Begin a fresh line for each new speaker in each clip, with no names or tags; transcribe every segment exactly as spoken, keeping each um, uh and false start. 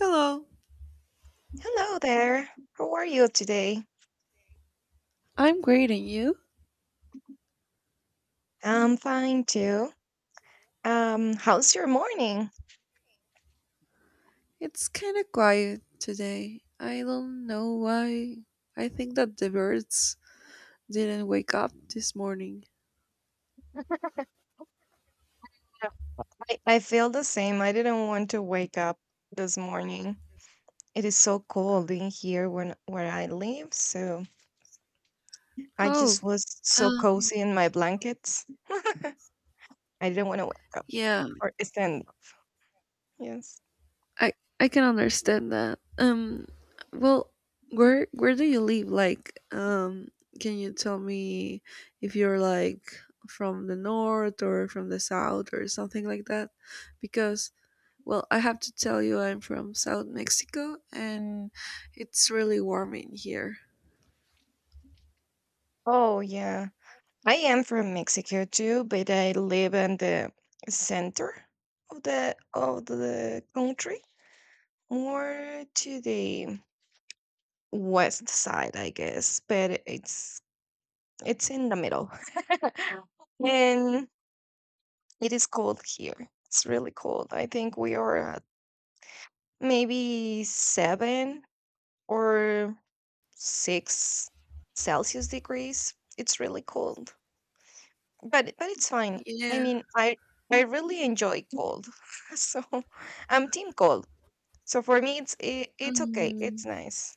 Hello,
Hello there. How are you today?
I'm great and you?
I'm fine too. Um, how's your morning?
It's kind of quiet today. I don't know why. I think that the birds didn't wake up this morning.
I, I feel the same. I didn't want to wake up this morning. It is so cold in here when where I live, so I
Oh,
just was so
uh,
cozy in my blankets. I didn't want to wake up
yeah,
or stand. Up. Yes.
I I can understand that. Um, well, where where do you live? Like, um, can you tell me if you're like from the north or from the south or something like that? Because, well, I have to tell you, I'm from South Mexico and it's really warm in here.
Oh yeah. I am from Mexico too, but I live in the center of the of the country, more to the West Side, I guess, but it's it's in the middle. And it is cold here. It's really cold. I think we are at maybe seven or six Celsius degrees. It's really cold. But but it's fine. I
Yeah.
mean I I really enjoy cold. So I'm team cold. So for me it's it, it's okay.
Mm,
It's nice.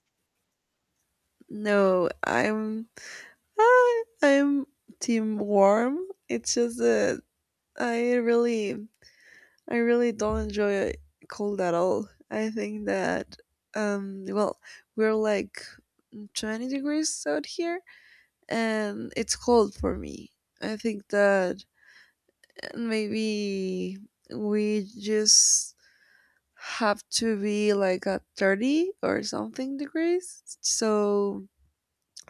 no, I'm I, I'm team warm. It's just that I really I really don't enjoy cold at all. I think that um well, we're like twenty degrees out here and it's cold for me. I think that maybe we just have to be like at thirty or something degrees, so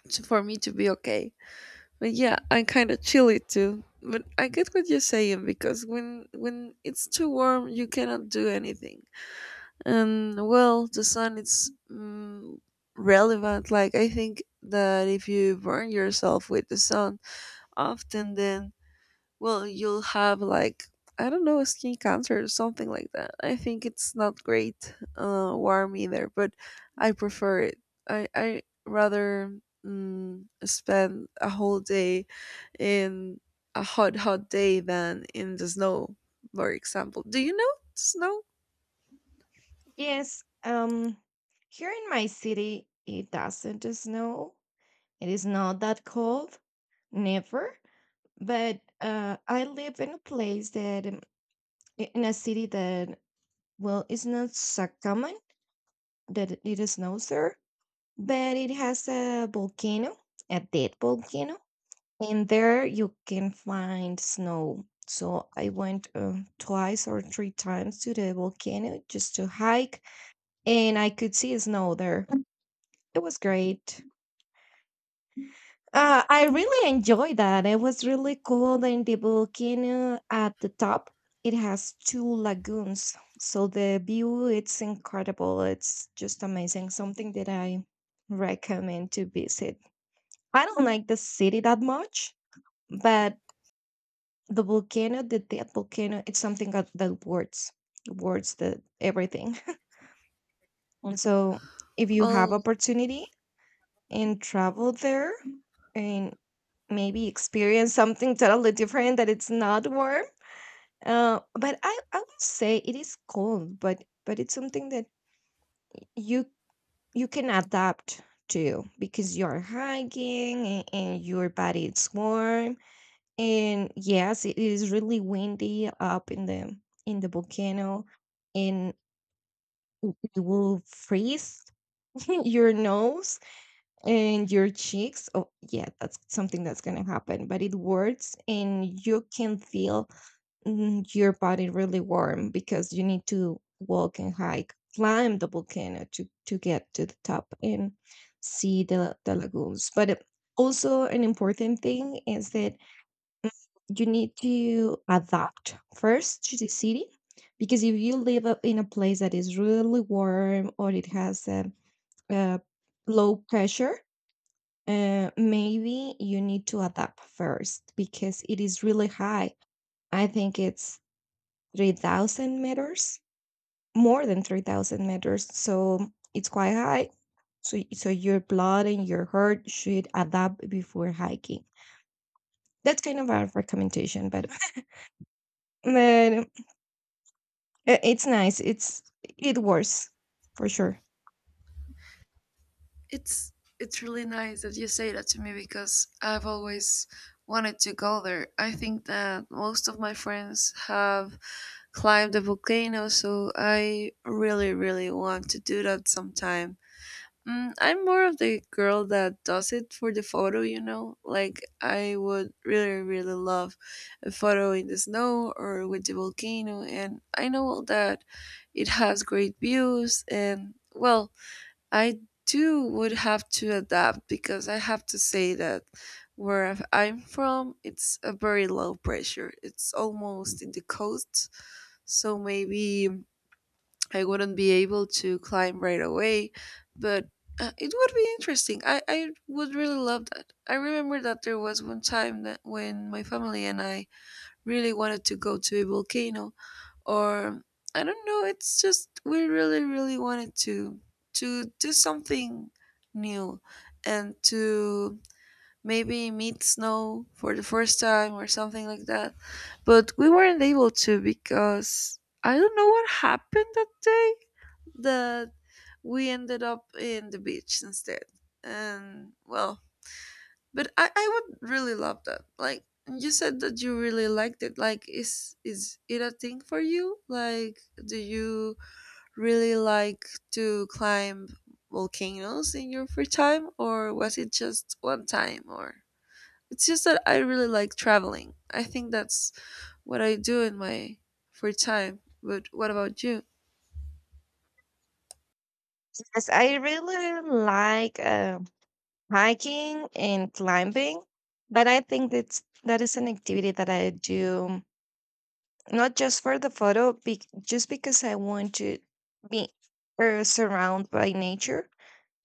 to, for me to be okay. But yeah, I'm kind of chilly too, but I get what you're saying, because when when it's too warm you cannot do anything. And well, the sun is mm, relevant. Like, I think that if you burn yourself with the sun often, then, well, you'll have like, I don't know, skin cancer or something like that. I think it's not great uh, warm either, but I prefer it. I I rather mm, spend a whole day in a hot hot day than in the snow, for example. Do you know snow?
Yes, um, here in my city, it doesn't snow. It is not that cold, never. But uh, I live in a place that, um, i- in a city that, well, it's not so common that it it snows there, but it has a volcano, a dead volcano, and there you can find snow. So I went uh, twice or three times to the volcano just to hike, and I could see snow there. It was great. Uh, I really enjoyed that. It was really cool. And the volcano at the top, it has two lagoons, so the view it's incredible. It's just amazing. Something that I recommend to visit. I don't like the city that much, but the volcano, the dead volcano, it's something that, that words, words the everything. And so, if you have
Oh,
opportunity, and travel there and maybe experience something totally different that it's not warm. Uh, but I, I would say it is cold, but but it's something that you you can adapt to because you're hiking and, and your body is warm. And yes, it is really windy up in the in the volcano, and w- you will freeze your nose and your cheeks. Oh, yeah, that's something that's going to happen, but it works and you can feel mm, your body really warm because you need to walk and hike, climb the volcano to, to get to the top and see the, the lagoons. But it- also, an important thing is that you need to adapt first to the city because if you live up in a place that is really warm or it has a, a low pressure uh, maybe you need to adapt first because it is really high. I think it's three thousand meters, more than three thousand meters. So it's quite high. So, so your blood and your heart should adapt before hiking. That's kind of a recommendation, but, but uh, it's nice. It's it works for sure.
it's it's really nice that you say that to me, because I've always wanted to go there. I think that most of my friends have climb the volcano, so I really, really want to do that sometime. Mm, I'm more of the girl that does it for the photo, you know? Like, I would really, really love a photo in the snow or with the volcano, and I know that it has great views, and well, I too would have to adapt, because I have to say that where I'm from, it's a very low pressure. It's almost in the coast, so maybe I wouldn't be able to climb right away, but uh, it would be interesting. I, I would really love that. I remember that there was one time that when my family and I really wanted to go to a volcano, or I don't know, it's just we really, really wanted to to do something new and to maybe meet snow for the first time or something like that. But we weren't able to, because I don't know what happened that day that we ended up in the beach instead. And well, but I, I would really love that. Like you said that you really liked it. Like, is is it a thing for you? Like, do you really like to climb volcanoes in your free time, or was it just one time? Or it's just that I really like traveling. I think that's what I do in my free time. But what about you?
Yes, I really like. Um, hiking and climbing, but I think that's that is an activity that I do not just for the photo, bec just because I want to be uh, surrounded by nature.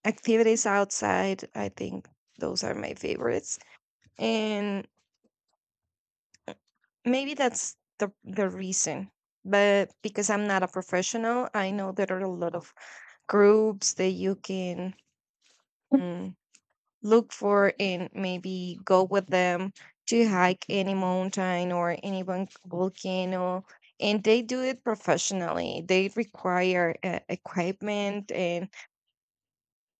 Activities outside, I think those are my favorites. And maybe that's the, the reason, but because I'm not a professional. I know there are a lot of groups that you can look for and maybe go with them to hike any mountain or any vol- volcano, and they do it professionally. They require uh, equipment and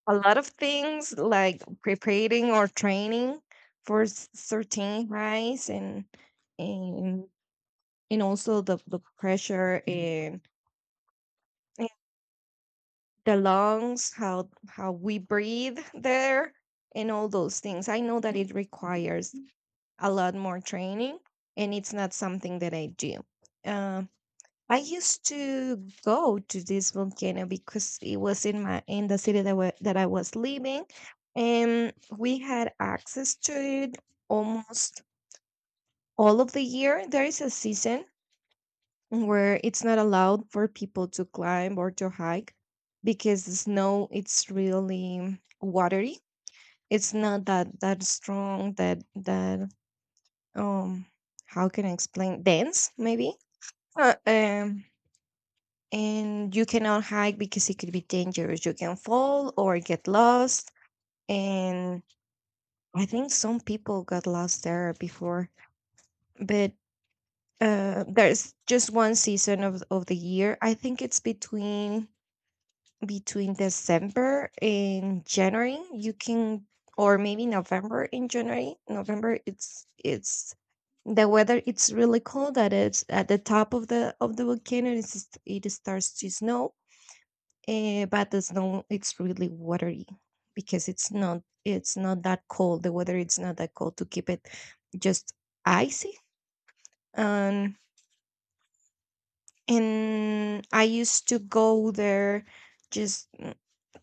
a lot of things like preparing or training for s- certain highs, and and and also the, the pressure, and, and the lungs, how how we breathe there, and all those things. I know that it requires a lot more training, and it's not something that I do. Uh, I used to go to this volcano because it was in my in the city that wa- that I was living, and we had access to it almost all of the year. There is a season where it's not allowed for people to climb or to hike because the snow it's really watery. It's not that that strong that that um how can I explain, dense maybe. uh, um and you cannot hike because it could be dangerous. You can fall or get lost, and I think some people got lost there before. But uh there's just one season of, of the year. I think it's between between December and January, you can, or maybe November and January. November, it's it's the weather. It's really cold. At it's at the top of the of the volcano. It's, just- it starts to snow, eh, but the snow it's really watery because it's not it's not that cold. The weather it's not that cold to keep it just icy. And and I used to go there just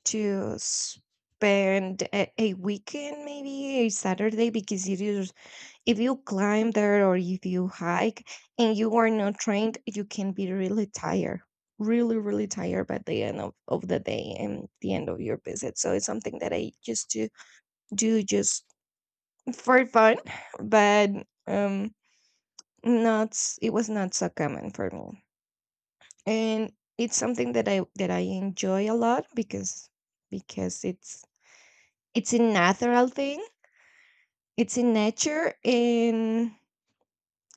to spend a, a weekend, maybe a Saturday, because it is, if you climb there or if you hike and you are not trained, you can be really tired, really, really tired by the end of, of the day and the end of your visit. So it's something that I used to do just for fun, but um not s- it was not so common for me. And it's something that I that I enjoy a lot because because it's it's a natural thing. It's in nature, and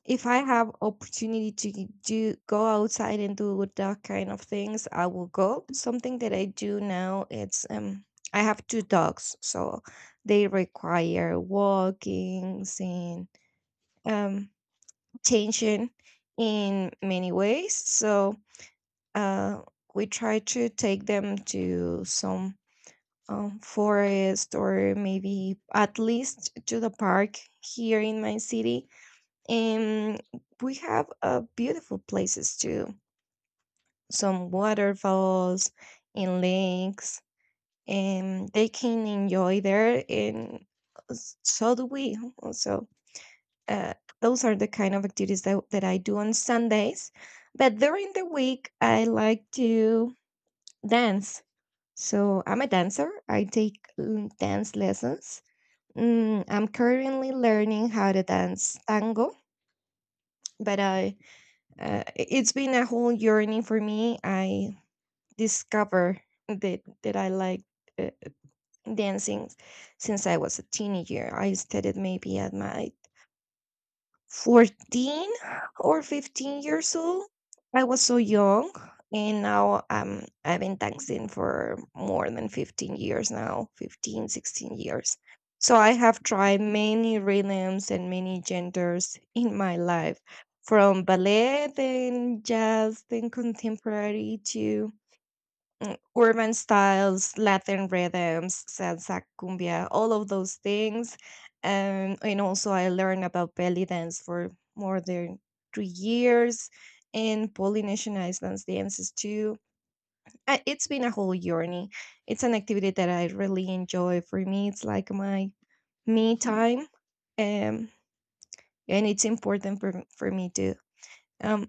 if I have opportunity to g- do go outside and do that kind of things, I will go. Something that I do now, it's um I have two dogs, so they require walkings and um attention in many ways. So uh we try to take them to some um, forest or maybe at least to the park here in my city. And we have uh, beautiful places too, some waterfalls and lakes, and they can enjoy there. And s- so do we. Also, uh, those are the kind of activities that, that I do on Sundays. But during the week, I like to dance. So I'm a dancer. I take mm, dance lessons. Mm, I'm currently learning how to dance tango, but I uh, i- it's been a whole journey for me. I discovered that that I like uh, dancing since I was a teenager. I started maybe at my fourteen or fifteen years old. I was so young, and now um, I've been dancing for more than fifteen years now, fifteen, sixteen years. So I have tried many rhythms and many genders in my life, from ballet, then jazz, then contemporary to urban styles, Latin rhythms, salsa, cumbia, all of those things. Um, and also, I learned about belly dance for more than three years and Polynesian Islands dances too. Uh, It's been a whole journey. It's an activity that I really enjoy. For me, it's like my me time, um, and it's important for for me to um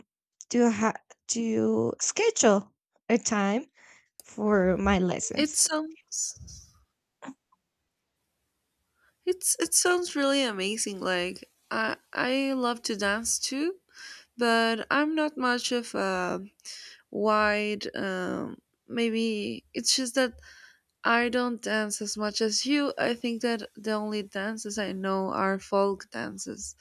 to ha- to schedule a time for my
It
lessons.
sounds, it's it sounds really amazing. Like, I I love to dance too, but I'm not much of a wide, um maybe it's just that I don't dance as much as you. I think that the only dances I know are folk dances.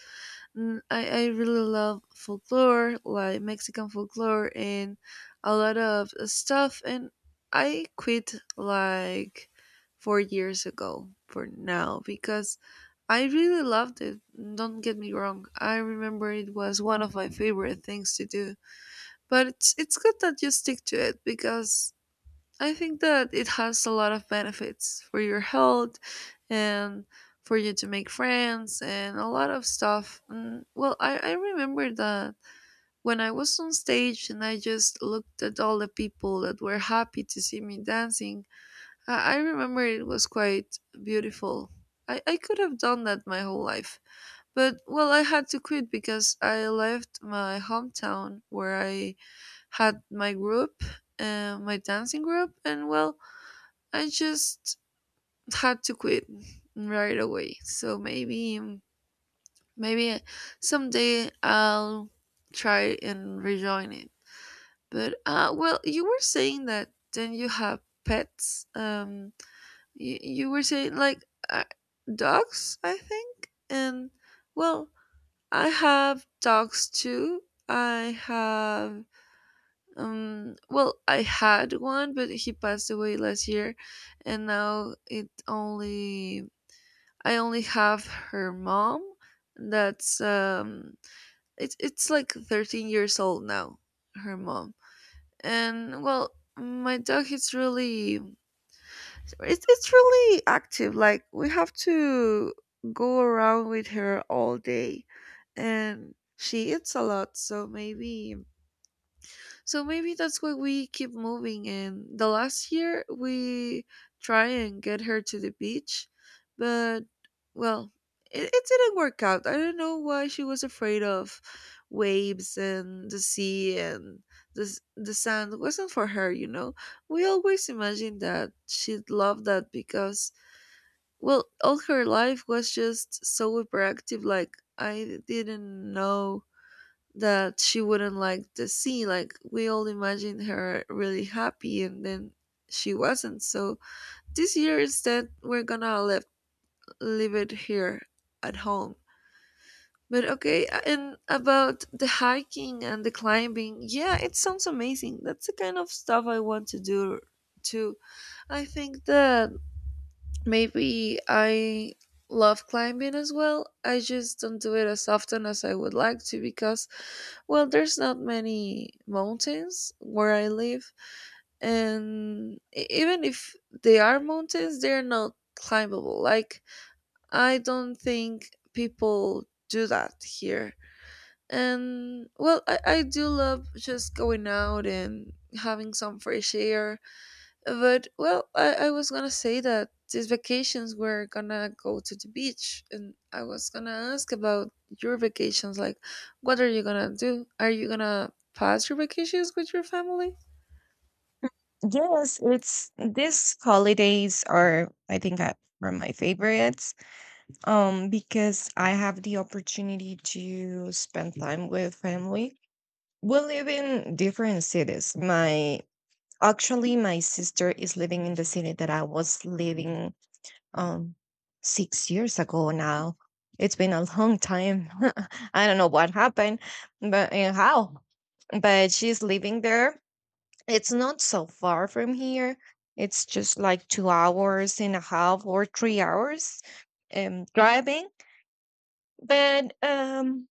Mm, I, I really love folklore, like Mexican folklore and a lot of stuff. And I quit like four years ago for now, because I really loved it. Don't get me wrong. I remember it was one of my favorite things to do. But it's, it's good that you stick to it, because I think that it has a lot of benefits for your health and for you to make friends and a lot of stuff. Mm, well, I, I remember that when I was on stage and I just looked at all the people that were happy to see me dancing, I, I remember it was quite beautiful. I, I could have done that my whole life. But, well, I had to quit because I left my hometown where I had my group, uh, my dancing group, and, well, I just had to quit right away. So maybe maybe someday I'll try and rejoin it. But uh well, you were saying that then you have pets. Um you, you were saying like uh, dogs, I think. And well, I have dogs too. I have um well, I had one but he passed away last year, and now it only I only have her mom. That's um, it's it's like thirteen years old now. Her mom. And well, my dog is really, it's it's really active. Like, we have to go around with her all day, and she eats a lot. So maybe, so maybe that's why we keep moving. And the last year we try and get her to the beach, but well, it, it didn't work out. I don't know why she was afraid of waves and the sea and the s- the sand. Wasn't for her, you know. We always imagined that she'd love that, because well, all her life was just so hyperactive. Like, I didn't know that she wouldn't like the scene. Like we all imagined her really happy, and then she wasn't. So this year instead, we're gonna live leave it here at home. But okay, uh, and about the hiking and the climbing, yeah, it sounds amazing. That's the kind of stuff I want to do too. I think that maybe I love climbing as well. I just don't do it as often as I would like to, because, well, there's not many mountains where I live, and e- even if they are mountains, they're not climbable. Like, I don't think people do that here. And well, I, I do love just going out and having some fresh air. But well, I, I was gonna say that these vacations were gonna go to the beach, and I was gonna ask about your vacations. Like, what are you gonna do? Are you gonna pass your vacations with your family?
Yes, it's these holidays are, I think I, are my favorites. Um, because I have the opportunity to spend time with family. We live in different cities. My Actually, my sister is living in the city that I was living um, six years ago now. It's been a long time. I don't know what happened, but and how. But she's living there. It's not so far from here. It's just like two hours and a half or three hours um, driving. But um,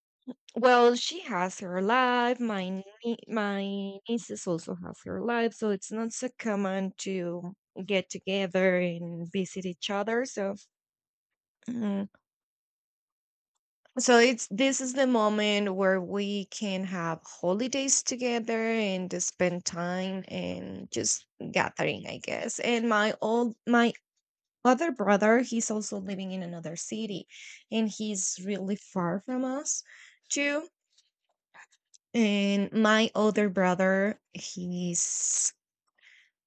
well, she has her life. My nie- my nieces also have her life, so it's not so common to get together and visit each other. So mm, So it's this is the moment where we can have holidays together and to spend time and just gathering, I guess. And my old my other brother, he's also living in another city, and he's really far from us too. And my older brother, he's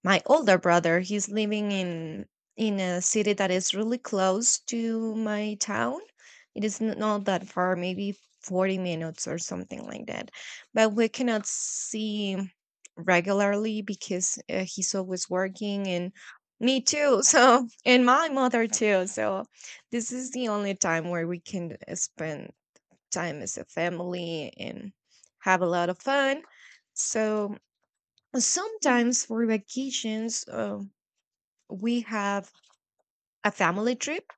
my older brother he's living in in a city that is really close to my town. It is n- not that far, maybe forty minutes or something like that, but we cannot see him regularly because uh, he's always working, and me too so, and my mother too. So this is the only time where we can uh, spend time as a family and have a lot of fun. So sometimes for vacations, uh, we have a family trip,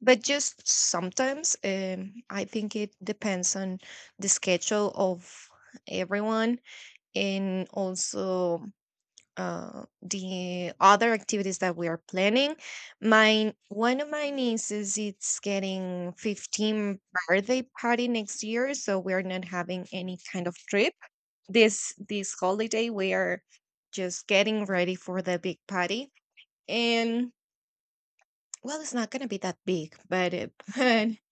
but just sometimes. um, I think it depends on the schedule of everyone, and also uh, the other activities that we are planning. Mine, one of my nieces, it's getting fifteen birthday party next year, so we are not having any kind of trip this this holiday. We are just getting ready for the big party, and well, it's not gonna be that big, but it,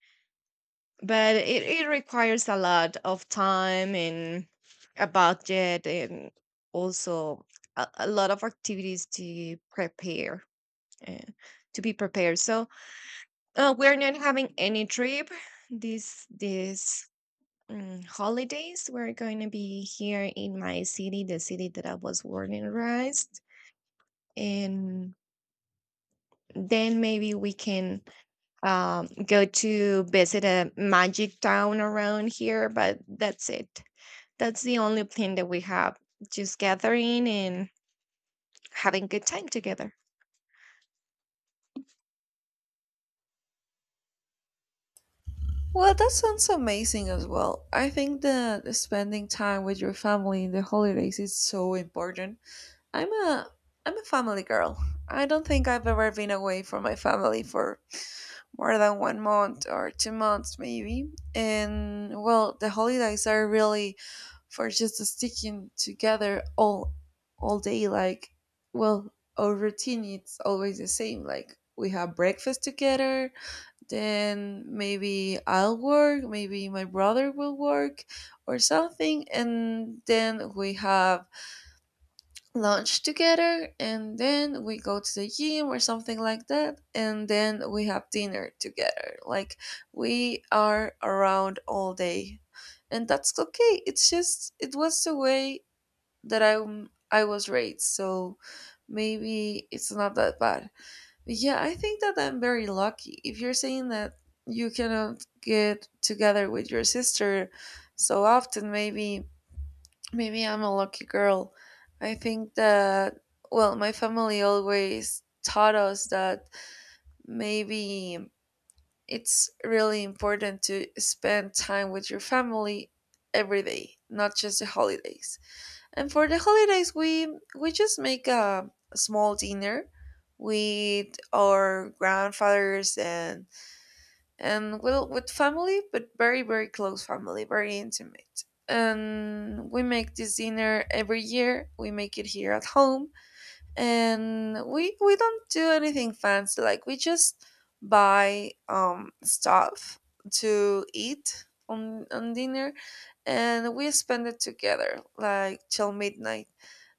but it, it requires a lot of time and a budget and also a, a lot of activities to prepare uh, to be prepared, so uh, we're not having any trip this this um, holidays. We're going to be here in my city, the city that I was born and raised. And then maybe we can um, go to visit a magic town around here, but that's it. That's the only plan that we have, just gathering and having good time together.
Well, that sounds amazing as well. I think that spending time with your family in the holidays is so important. I'm a I'm a family girl. I don't think I've ever been away from my family for more than one month or two months maybe. And well, the holidays are really for just sticking together all all day. Like, well, our routine it's always the same. Like, we have breakfast together, then maybe I'll work, maybe my brother will work or something, and then we have lunch together, and then we go to the gym or something like that, and then we have dinner together. Like, we are around all day, and that's okay. It's just it was the way that i I was raised, so maybe it's not that bad. But yeah, I think that I'm very lucky. If you're saying that you cannot get together with your sister so often, maybe, maybe I'm a lucky girl. I think that, well, my family always taught us that maybe it's really important to spend time with your family every day, not just the holidays. And for the holidays, we we just make a, a small dinner with our grandfathers, and and well, with family, but very very close family, very intimate. And we make this dinner every year. We make it here at home. And we we don't do anything fancy. Like, we just buy um stuff to eat on on dinner. And we spend it together like till midnight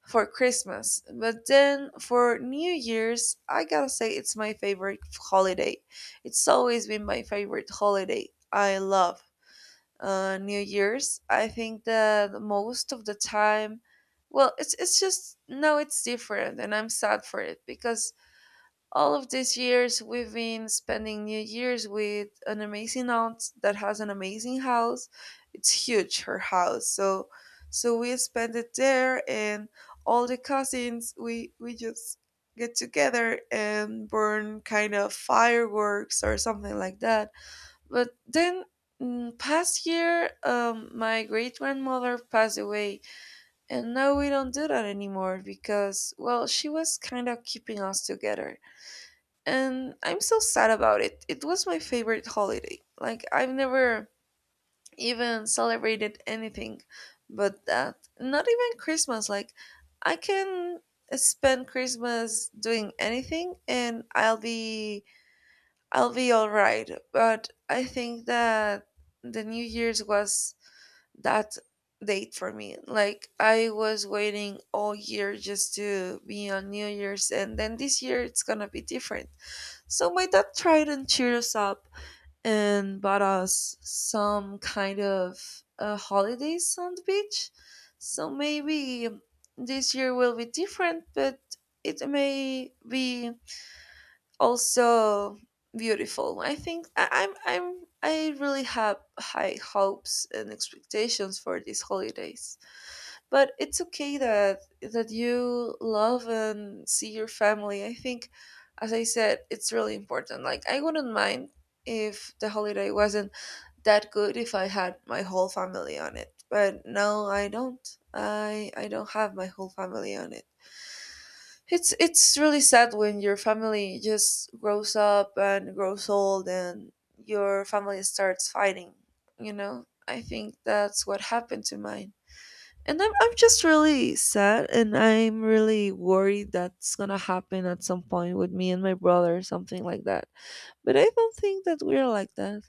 for Christmas. But then for New Year's, I gotta say it's my favorite holiday. It's always been my favorite holiday. I love uh, New Year's. I think that most of the time, well, it's it's just no, it's different, and I'm sad for it, because all of these years we've been spending New Year's with an amazing aunt that has an amazing house. It's huge, her house. So, so we spend it there, and all the cousins, we we just get together and burn kind of fireworks or something like that. But then, mm, past year, um, my great grandmother passed away, and now we don't do that anymore because, well, she was kind of keeping us together. And I'm so sad about it. It was my favorite holiday. Like, I've never even celebrated anything but that. Not even Christmas. Like, I can spend Christmas doing anything, and I'll be I'll be all right. But I think that the New Year's was that date for me. Like, I was waiting all year just to be on New Year's. And then this year it's gonna be different. So my dad tried and cheered us up and bought us some kind of uh, holidays on the beach. So maybe this year will be different, but it may be also beautiful. I think I, I'm I'm I really have high hopes and expectations for these holidays. But it's okay that that you love and see your family. I think, as I said, it's really important. Like, I wouldn't mind if the holiday wasn't that good if I had my whole family on it. But no, I don't. I I don't have my whole family on it. It's it's really sad when your family just grows up and grows old, and your family starts fighting, you know? I think that's what happened to mine. And I'm I'm just really sad, and I'm really worried that's gonna happen at some point with me and my brother or something like that. But I don't think that we're like that.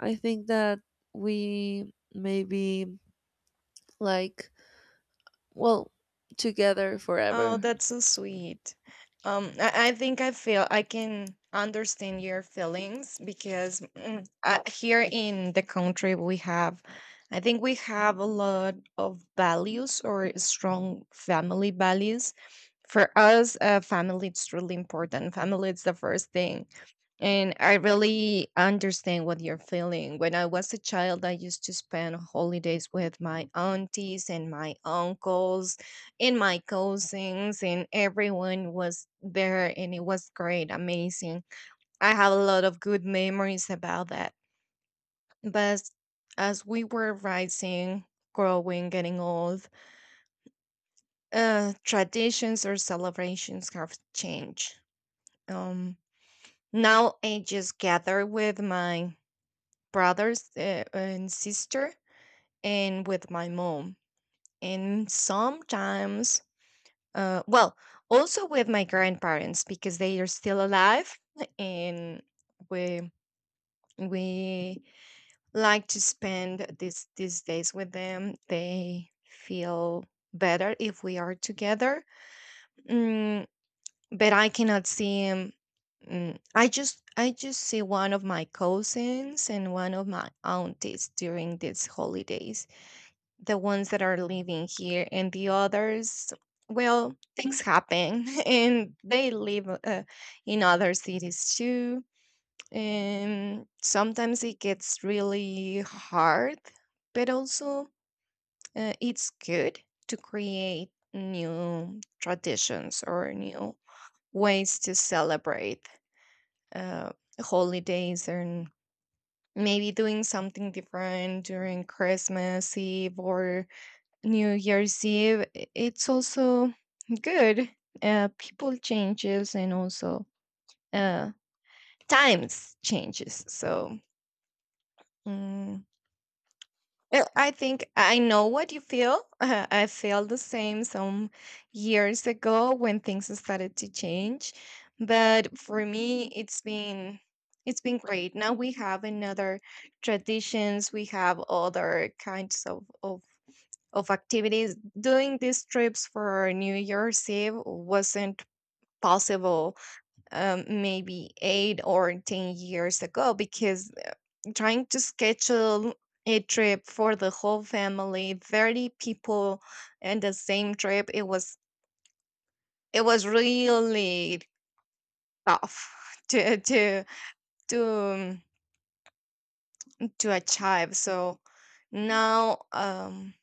I think that we may be like, well, together
Oh,
forever.
that's so sweet. Um, I, I think I feel I can understand your feelings because mm, uh, here in the country we have, I think we have a lot of values or strong family values. For us, uh, family is really important. Family is the first thing. And I really understand what you're feeling. When I was a child, I used to spend holidays with my aunties and my uncles and my cousins, and everyone was there, and it was great, amazing. I have a lot of good memories about that. But as we were rising, growing, getting old, uh, traditions or celebrations have changed. um, Now I just gather with my brothers, uh, and sister, and with my mom, and sometimes Uh, well, also with my grandparents, because they are still alive, and we we like to spend these these days with them. They feel better if we are together. Mm, but I cannot see him. Mm, I just I just see one of my cousins and one of my aunties during these holidays, the ones that are living here, and the others, well, things happen and they live uh, in other cities too, and sometimes it gets really hard. But also, uh, it's good to create new traditions or new ways to celebrate uh, holidays. And maybe doing something different during Christmas Eve or New Year's Eve, i- it's also good. Uh, people changes, and also uh, times changes. So mm, uh, I think I know what you feel. I felt the same some years ago when things started to change, but for me, it's been it's been great. Now we have another traditions. We have other kinds of of of activities. Doing these trips for New Year's Eve wasn't possible um, maybe eight or ten years ago, because uh, trying to schedule a trip for the whole family, thirty people, and the same trip, it was, it was really tough to to to um, to achieve. So now, um,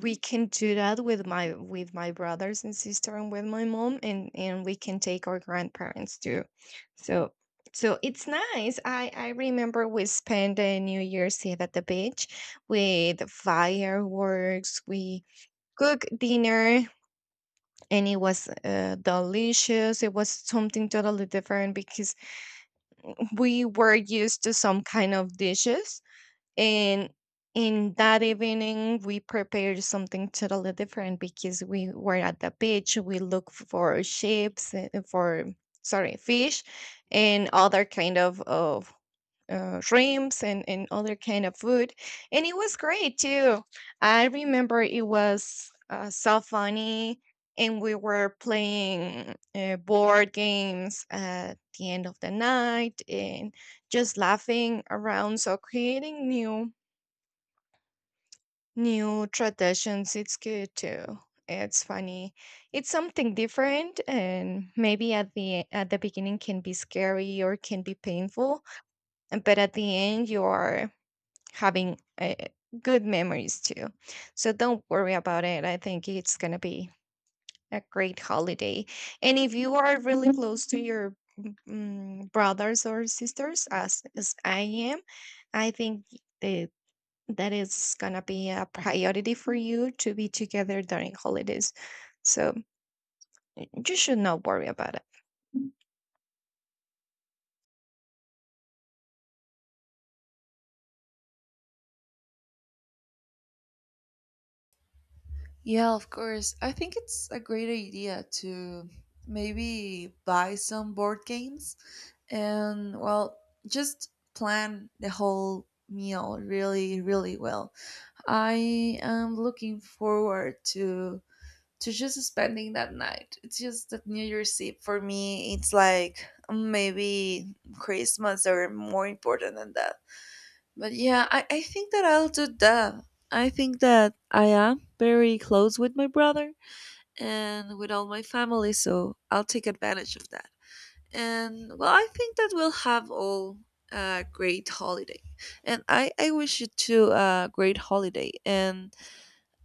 we can do that with my with my brothers and sister and with my mom, and and we can take our grandparents too. So so it's nice. I I remember we spent a New Year's Eve at the beach with fireworks. We cook dinner, and it was, uh, delicious. It was something totally different, because we were used to some kind of dishes. And in that evening, we prepared something totally different because we were at the beach. We looked for ships, uh, for, sorry, fish, and other kind of of uh, shrimps, and and other kind of food, and it was great too. I remember it was uh, so funny, and we were playing uh, board games at the end of the night, and just laughing around. So creating new, new traditions, it's good too. It's funny. It's something different, and maybe at the e, at the beginning can be scary or can be painful, and- but at the end you are having uh, good memories too. So don't worry about it. I think it's going to be a great holiday. And if you are really close to your mm, mm, brothers or sisters as as I am, I think the that is gonna be a priority for you to be together during holidays. So you should not worry about it.
Yeah, of course. I think it's a great idea to maybe buy some board games and, well, just plan the whole meal really, really well. I am looking forward to to just spending that night. It's just that New Year's Eve for me, it's like mm, maybe Christmas or more important than that. But yeah, I, I think that I'll do that. I think that I am very close with my brother and with all my family, so I'll take advantage of that. And well, I think that we'll have all a great holiday. And I, I wish you too a great holiday. And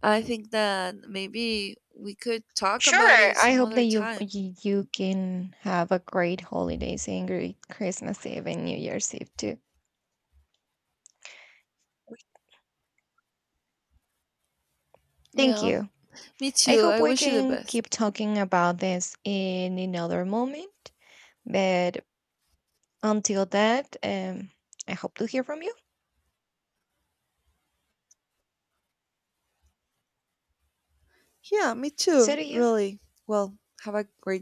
I think that maybe we could talk
Sure,
about it
I
some
hope that
other
you
time.
you you can have a great holidays, and great Christmas Eve and New Year's Eve too. Thank
Yeah,
you.
me
I
too.
hope
I
we
wish you the
can keep
best.
talking about this in another moment. But until that, um, I hope to hear from you.
Yeah, me
So
too,
do you.
really. Well, have a great